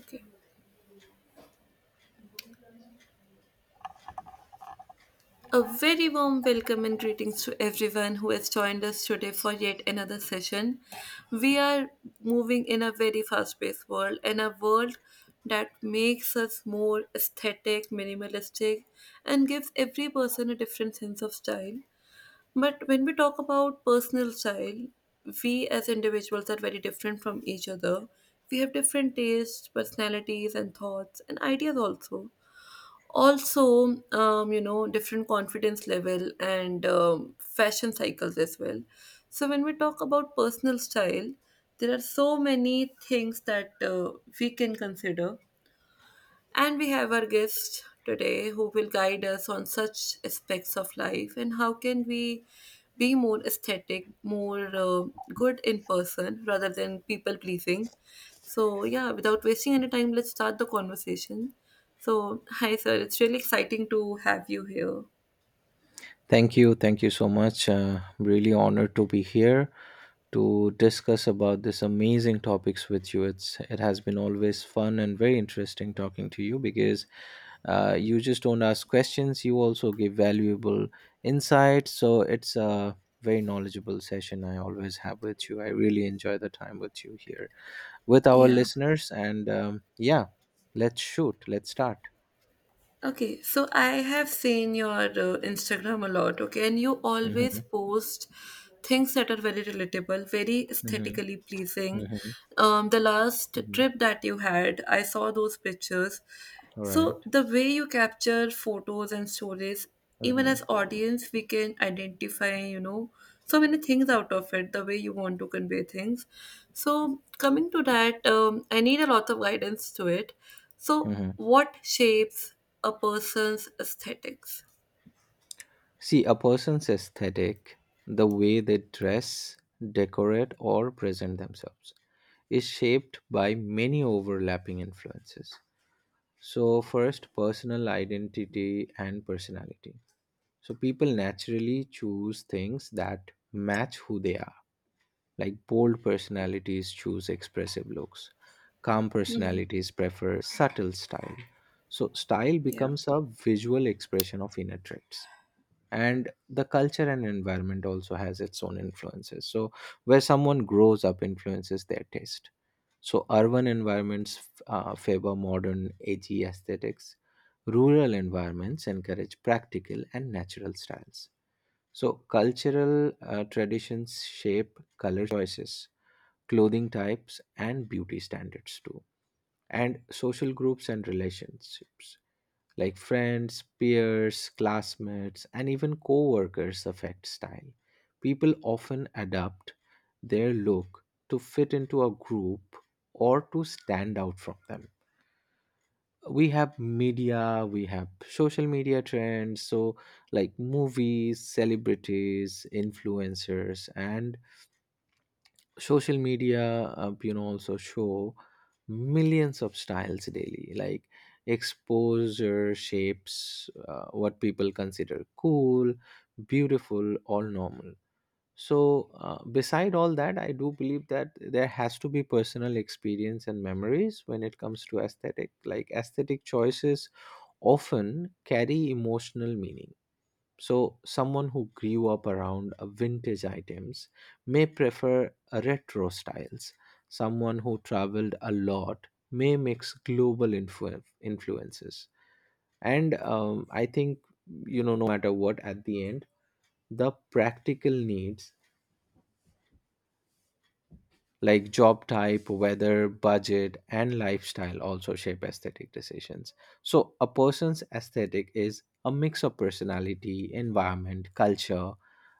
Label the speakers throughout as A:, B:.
A: Okay. A very warm welcome and greetings to everyone who has joined us today for yet another session. We are moving in a very fast paced world and a world that makes us more aesthetic, minimalistic, and gives every person a different sense of style. But when we talk about personal style, we as individuals are very different from each other. We have different tastes, personalities, and thoughts, and ideas also. Also different confidence level and fashion cycles as well. So when we talk about personal style, there are so many things that we can consider, and we have our guest today who will guide us on such aspects of life and how can we be more aesthetic, more good in person rather than people pleasing. So, yeah, without wasting any time, let's start the conversation. So, hi, sir. It's really exciting to have you here.
B: Thank you. Thank you so much. Really honored to be here to discuss about this amazing topics with you. It has been always fun and very interesting talking to you because you just don't ask questions. You also give valuable insight. So it's a very knowledgeable session I always have with you. I really enjoy the time with you here with our
A: Yeah.
B: listeners. And yeah, let's shoot. Let's start.
A: Okay, so I have seen your Instagram a lot, okay, and you always
B: Mm-hmm,
A: post things that are very relatable, very
B: mm-hmm,
A: aesthetically pleasing.
B: mm-hmm,
A: The last
B: mm-hmm.
A: trip that you had, I saw those pictures.
B: All
A: So
B: right.
A: the way you capture photos and stories, even
B: Mm-hmm.
A: as audience, we can identify, you know, so many things out of it, the way you want to convey things. So coming to that, I need a lot of guidance to it. So
B: Mm-hmm.
A: what shapes a person's aesthetics?
B: See, a person's aesthetic, the way they dress, decorate, or present themselves, is shaped by many overlapping influences. So, first, personal identity and personality. So, people naturally choose things that match who they are. Like bold personalities choose expressive looks, calm personalities prefer subtle style. So, style
A: Yeah.
B: becomes a visual expression of inner traits, and the culture and environment also has its own influences. So where someone grows up influences their taste. So urban environments favor modern edgy aesthetics, rural environments encourage practical and natural styles. So cultural traditions shape color choices, clothing types, and beauty standards too. And social groups and relationships, like friends, peers, classmates, and even coworkers affect style. People often adapt their look to fit into a group or to stand out from them. We have media, we have social media trends, so like movies, celebrities, influencers, and social media you know also show millions of styles daily. Like exposure shapes what people consider cool, beautiful, or normal. So beside all that, I do believe that there has to be personal experience and memories when it comes to aesthetic. Like aesthetic choices often carry emotional meaning. So, someone who grew up around vintage items may prefer retro styles. Someone who traveled a lot may mix influences. And I think, you know, no matter what, at the end, the practical needs like job type, weather, budget, and lifestyle also shape aesthetic decisions. So, a person's aesthetic is a mix of personality, environment, culture,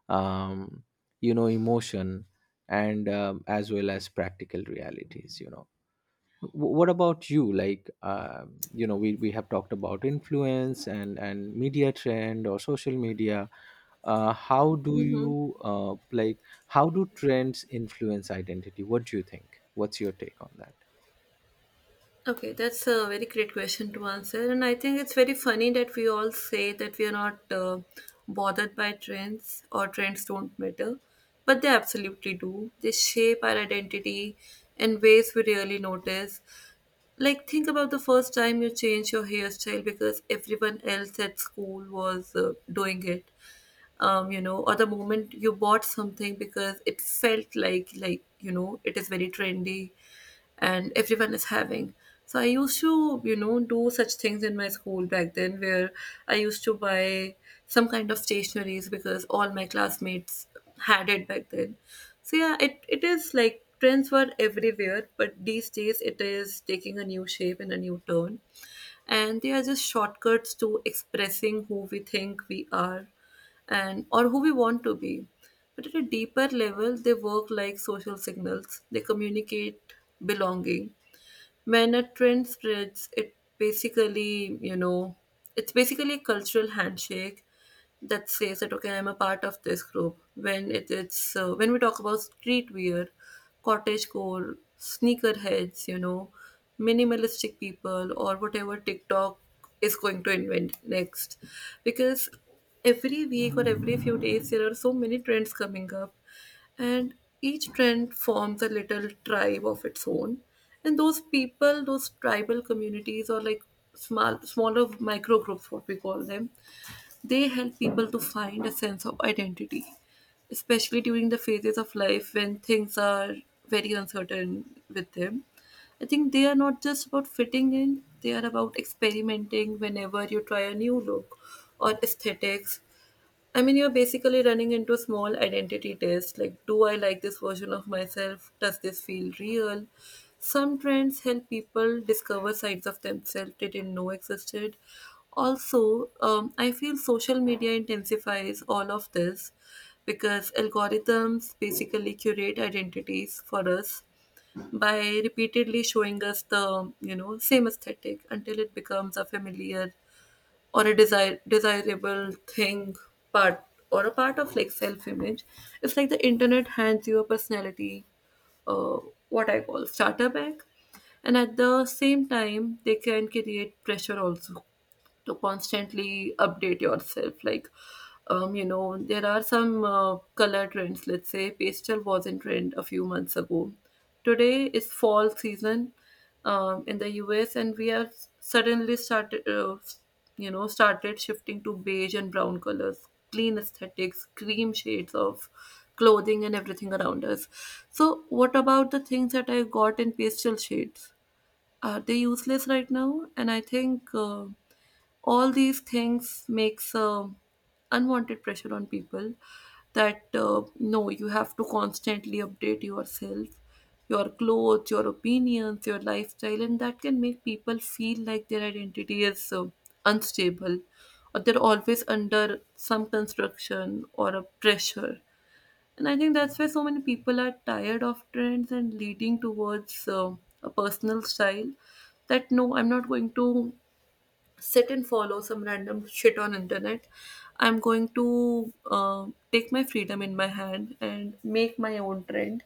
B: um, you know, emotion, and as well as practical realities, you know. What about you? Like you know, we have talked about influence and media trend or social media. How do you like how do trends influence identity? What do you think? What's your take on that?
A: Okay, that's a very great question to answer. And I think it's very funny that we all say that we are not bothered by trends or trends don't matter, but they absolutely do. They shape our identity in ways we really notice. Like, think about the first time you changed your hairstyle because everyone else at school was doing it. You know, or the moment you bought something because it felt like you know it is very trendy, and everyone is having. So I used to you know do such things in my school back then where I used to buy some kind of stationaries because all my classmates had it back then. So yeah, it is like trends were everywhere, but these days it is taking a new shape and a new turn. And they are just shortcuts to expressing who we think we are and or who we want to be, but at a deeper level they work like social signals. They communicate belonging. When a trend spreads, it basically, you know, it's basically a cultural handshake that says that okay, I'm a part of this group. When it, it's when we talk about streetwear, cottagecore, sneakerheads, you know, minimalistic people, or whatever TikTok is going to invent next, because every week or every few days there are so many trends coming up, and each trend forms a little tribe of its own. And those people, those tribal communities, or like small smaller micro groups what we call them, they help people to find a sense of identity, especially during the phases of life when things are very uncertain with them. I think they are not just about fitting in, they are about experimenting. Whenever you try a new look or aesthetics, I mean, you're basically running into a small identity test like, do I like this version of myself? Does this feel real? Some trends help people discover sides of themselves they didn't know existed. Also, I feel social media intensifies all of this because algorithms basically curate identities for us by repeatedly showing us the you know same aesthetic until it becomes a familiar or a desire desirable thing, part or a part of like self image. It's like the internet hands you a personality, uh, what I call starter bag. And at the same time they can create pressure also to constantly update yourself like, you know, there are some color trends. Let's say pastel was in trend a few months ago, today is fall season, in the US, and we have suddenly started you know started shifting to beige and brown colors, clean aesthetics, cream shades of clothing, and everything around us. So what about the things that I got in pastel shades? Are they useless right now? And I think all these things makes unwanted pressure on people that no, you have to constantly update yourself, your clothes, your opinions, your lifestyle, and that can make people feel like their identity is unstable or they're always under some construction or a pressure. And I think that's why so many people are tired of trends and leading towards a personal style that no, I'm not going to sit and follow some random shit on internet. I'm going to take my freedom in my hand and make my own trend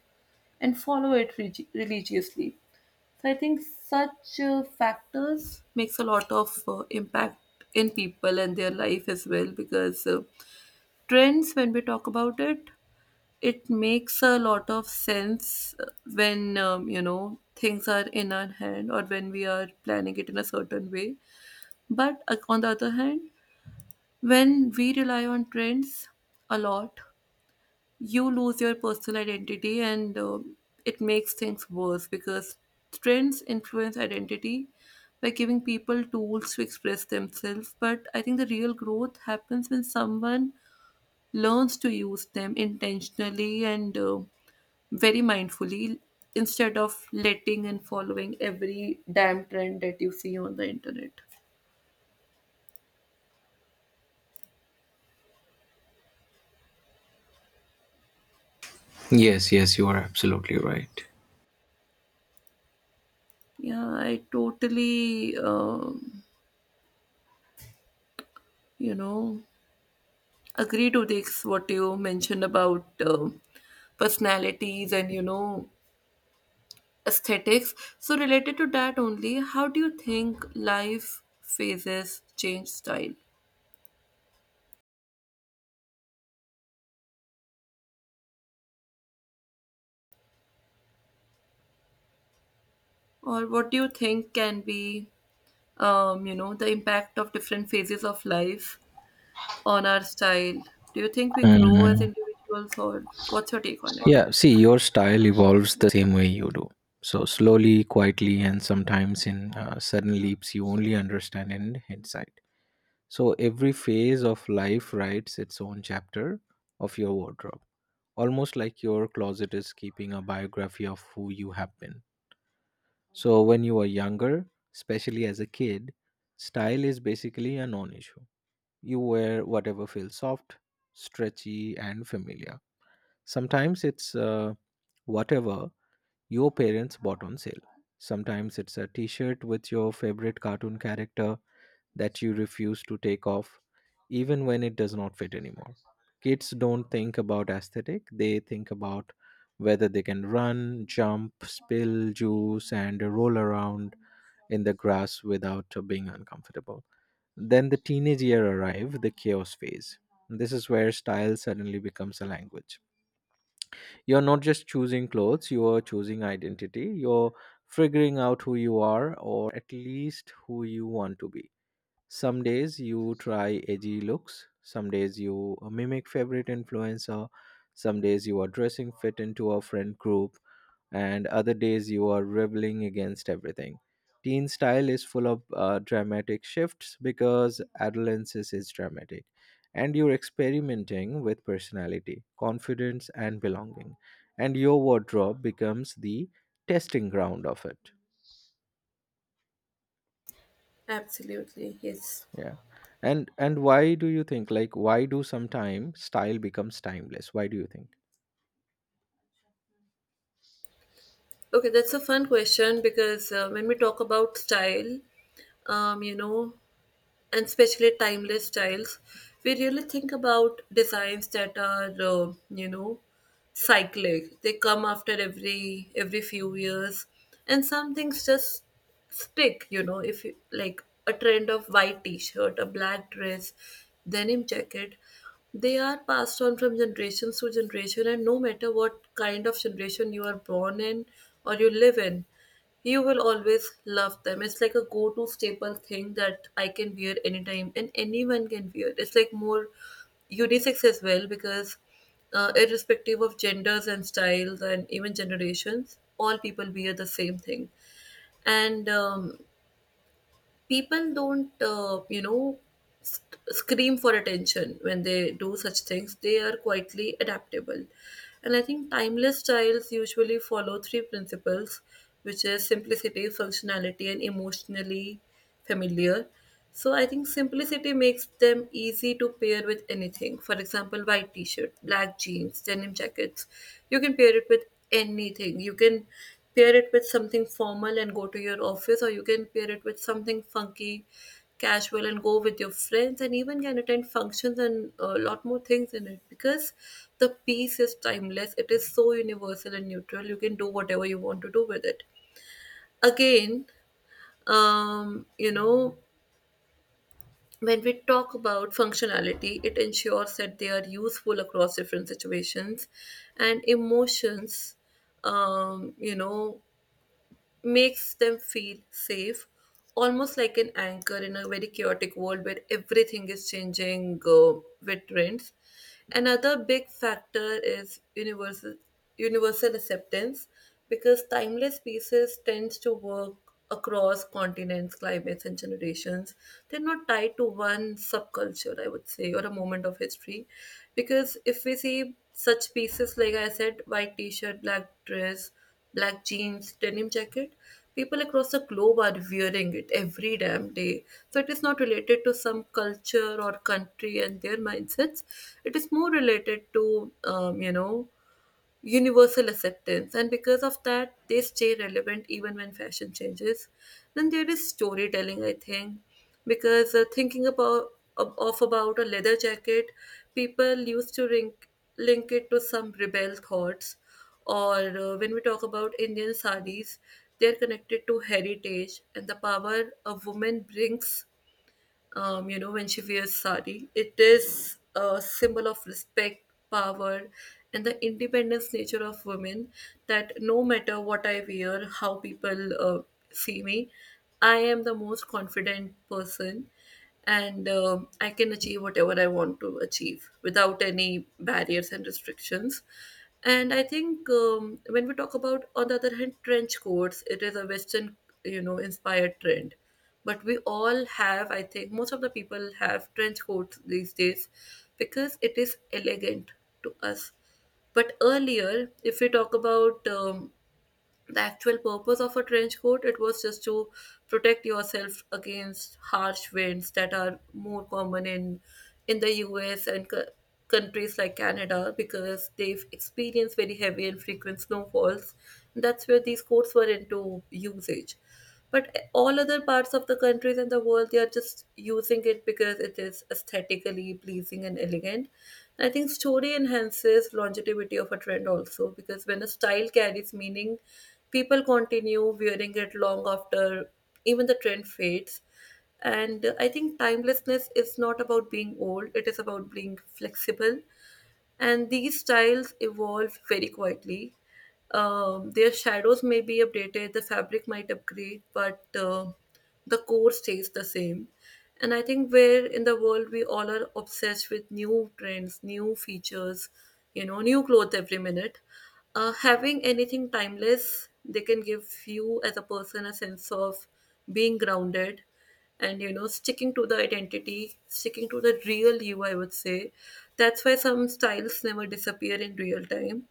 A: and follow it religiously. So I think such factors makes a lot of impact in people and their life as well, because trends, when we talk about it, it makes a lot of sense when you know things are in our hand or when we are planning it in a certain way. But on the other hand, when we rely on trends a lot, you lose your personal identity and it makes things worse, because trends influence identity by giving people tools to express themselves. But I think the real growth happens when someone learns to use them intentionally and very mindfully instead of letting and following every damn trend that you see on the internet.
B: Yes, yes, you are absolutely right.
A: Yeah, I totally, you know, agree to this what you mentioned about personalities and you know aesthetics. So related to that only, how do you think life phases change style, or what do you think can be you know the impact of different phases of life on our style? Do you think we grow as
B: Mhm.
A: individuals, or what's your take on it?
B: Yeah, see, your style evolves the same way you do. So slowly, quietly, and sometimes in sudden leaps, you only understand in hindsight. So every phase of life writes its own chapter of your wardrobe, almost like your closet is keeping a biography of who you have been. So when you are younger, especially as a kid, style is basically a non-issue. You wear whatever feels soft, stretchy, and familiar. Sometimes it's whatever your parents bought on sale. Sometimes it's a t shirt with your favorite cartoon character that you refuse to take off, even when it does not fit anymore. Kids don't think about aesthetic, they think about whether they can run, jump, spill juice, and roll around in the grass without being uncomfortable. Then the teenage year arrive, the chaos phase. This is where style suddenly becomes a language. You're not just choosing clothes, you are choosing identity. You're figuring out who you are, or at least who you want to be. Some days you try edgy looks, some days you mimic favorite influencer, some days you are dressing fit into a friend group, and other days you are rebelling against everything. Teen style is full of dramatic shifts because adolescence is dramatic, and you're experimenting with personality, confidence, and belonging, and your wardrobe becomes the testing ground of it.
A: Absolutely, yes.
B: Yeah, and why do you think, like why do sometimes style becomes timeless? Why do you think?
A: Okay, that's a fun question, because when we talk about style, you know, and especially timeless styles, we really think about designs that are you know cyclic. They come after every few years, and some things just stick. You know, if you like a trend of white T-shirt, a black dress, denim jacket, they are passed on from generations to generation, and no matter what kind of generation you are born in or you live in, you will always love them. It's like a go-to staple thing that I can wear anytime, and anyone can wear. It's like more unisex as well, because irrespective of genders and styles and even generations, all people wear the same thing. And people don't, you know, scream for attention when they do such things. They are quietly adaptable. And I think timeless styles usually follow three principles, which is simplicity, functionality, and emotionally familiar. So I think simplicity makes them easy to pair with anything. For example, white t-shirt, black jeans, denim jackets. You can pair it with anything. You can pair it with something formal and go to your office, or you can pair it with something funky, casual and go with your friends and even can attend functions and a lot more things in it, because the piece is timeless. It is so universal and neutral. You can do whatever you want to do with it. Again, you know, when we talk about functionality, it ensures that they are useful across different situations and emotions. You know, makes them feel safe, almost like an anchor in a very chaotic world where everything is changing with trends. Another big factor is universal acceptance, because timeless pieces tends to work across continents, climates, and generations. They're not tied to one subculture, I would say, or a moment of history. Because if we see such pieces, like I said, white t shirt, black dress, black jeans, denim jacket. People across the globe are wearing it every damn day. So it is not related to some culture or country and their mindsets. It is more related to, you know, universal acceptance, and because of that they stay relevant even when fashion changes. Then there is storytelling, I think, because thinking about of about a leather jacket, people used to link it to some rebel thoughts, or when we talk about Indian saris, they're connected to heritage and the power a woman brings, you know, when she wears sari. It is a symbol of respect, power, and the independence nature of women, that no matter what I wear, how people see me, I am the most confident person, and I can achieve whatever I want to achieve without any barriers and restrictions. And I think when we talk about, on the other hand, trench coats, it is a Western, you know, inspired trend, but we all have, I think most of the people have trench coats these days because it is elegant to us. But earlier, if we talk about the actual purpose of a trench coat, it was just to protect yourself against harsh winds that are more common in the US and countries like Canada, because they've experienced very heavy and frequent snowfalls. That's where these coats were into usage. But all other parts of the countries and the world, they are just using it because it is aesthetically pleasing and elegant. I think story enhances longevity of a trend also, because when a style carries meaning, people continue wearing it long after even the trend fades. And I think timelessness is not about being old, it is about being flexible, and these styles evolve very quietly. Their shadows may be updated, the fabric might upgrade, but the core stays the same. And I think where in the world we all are obsessed with new trends, new features, you know, new clothes every minute. Having anything timeless, they can give you as a person a sense of being grounded, and you know sticking to the identity, sticking to the real you, I would say. That's why some styles never disappear in real time,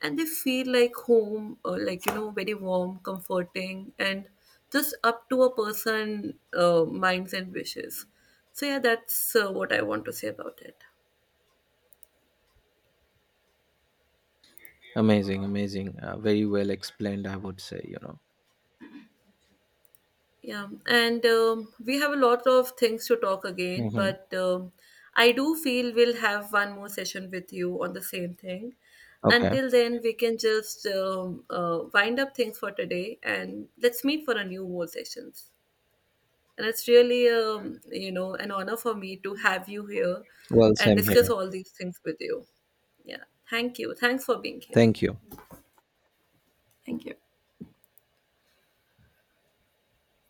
A: and they feel like home, or like you know very warm comforting, and just up to a person minds and wishes. So yeah, that's what I want to say about it.
B: Amazing, amazing, very well explained, I would say, you know.
A: Yeah, and we have a lot of things to talk again,
B: Hmm.
A: but I do feel we'll have one more session with you on the same thing.
B: Okay,
A: Until then, we can just wind up things for today and let's meet for a new more sessions. And it's really, you know, an honor for me to have you here
B: well,
A: and
B: same
A: discuss
B: here.
A: all these things with you. Yeah, thank you. Thanks for being here.
B: Thank you.
A: Thank you.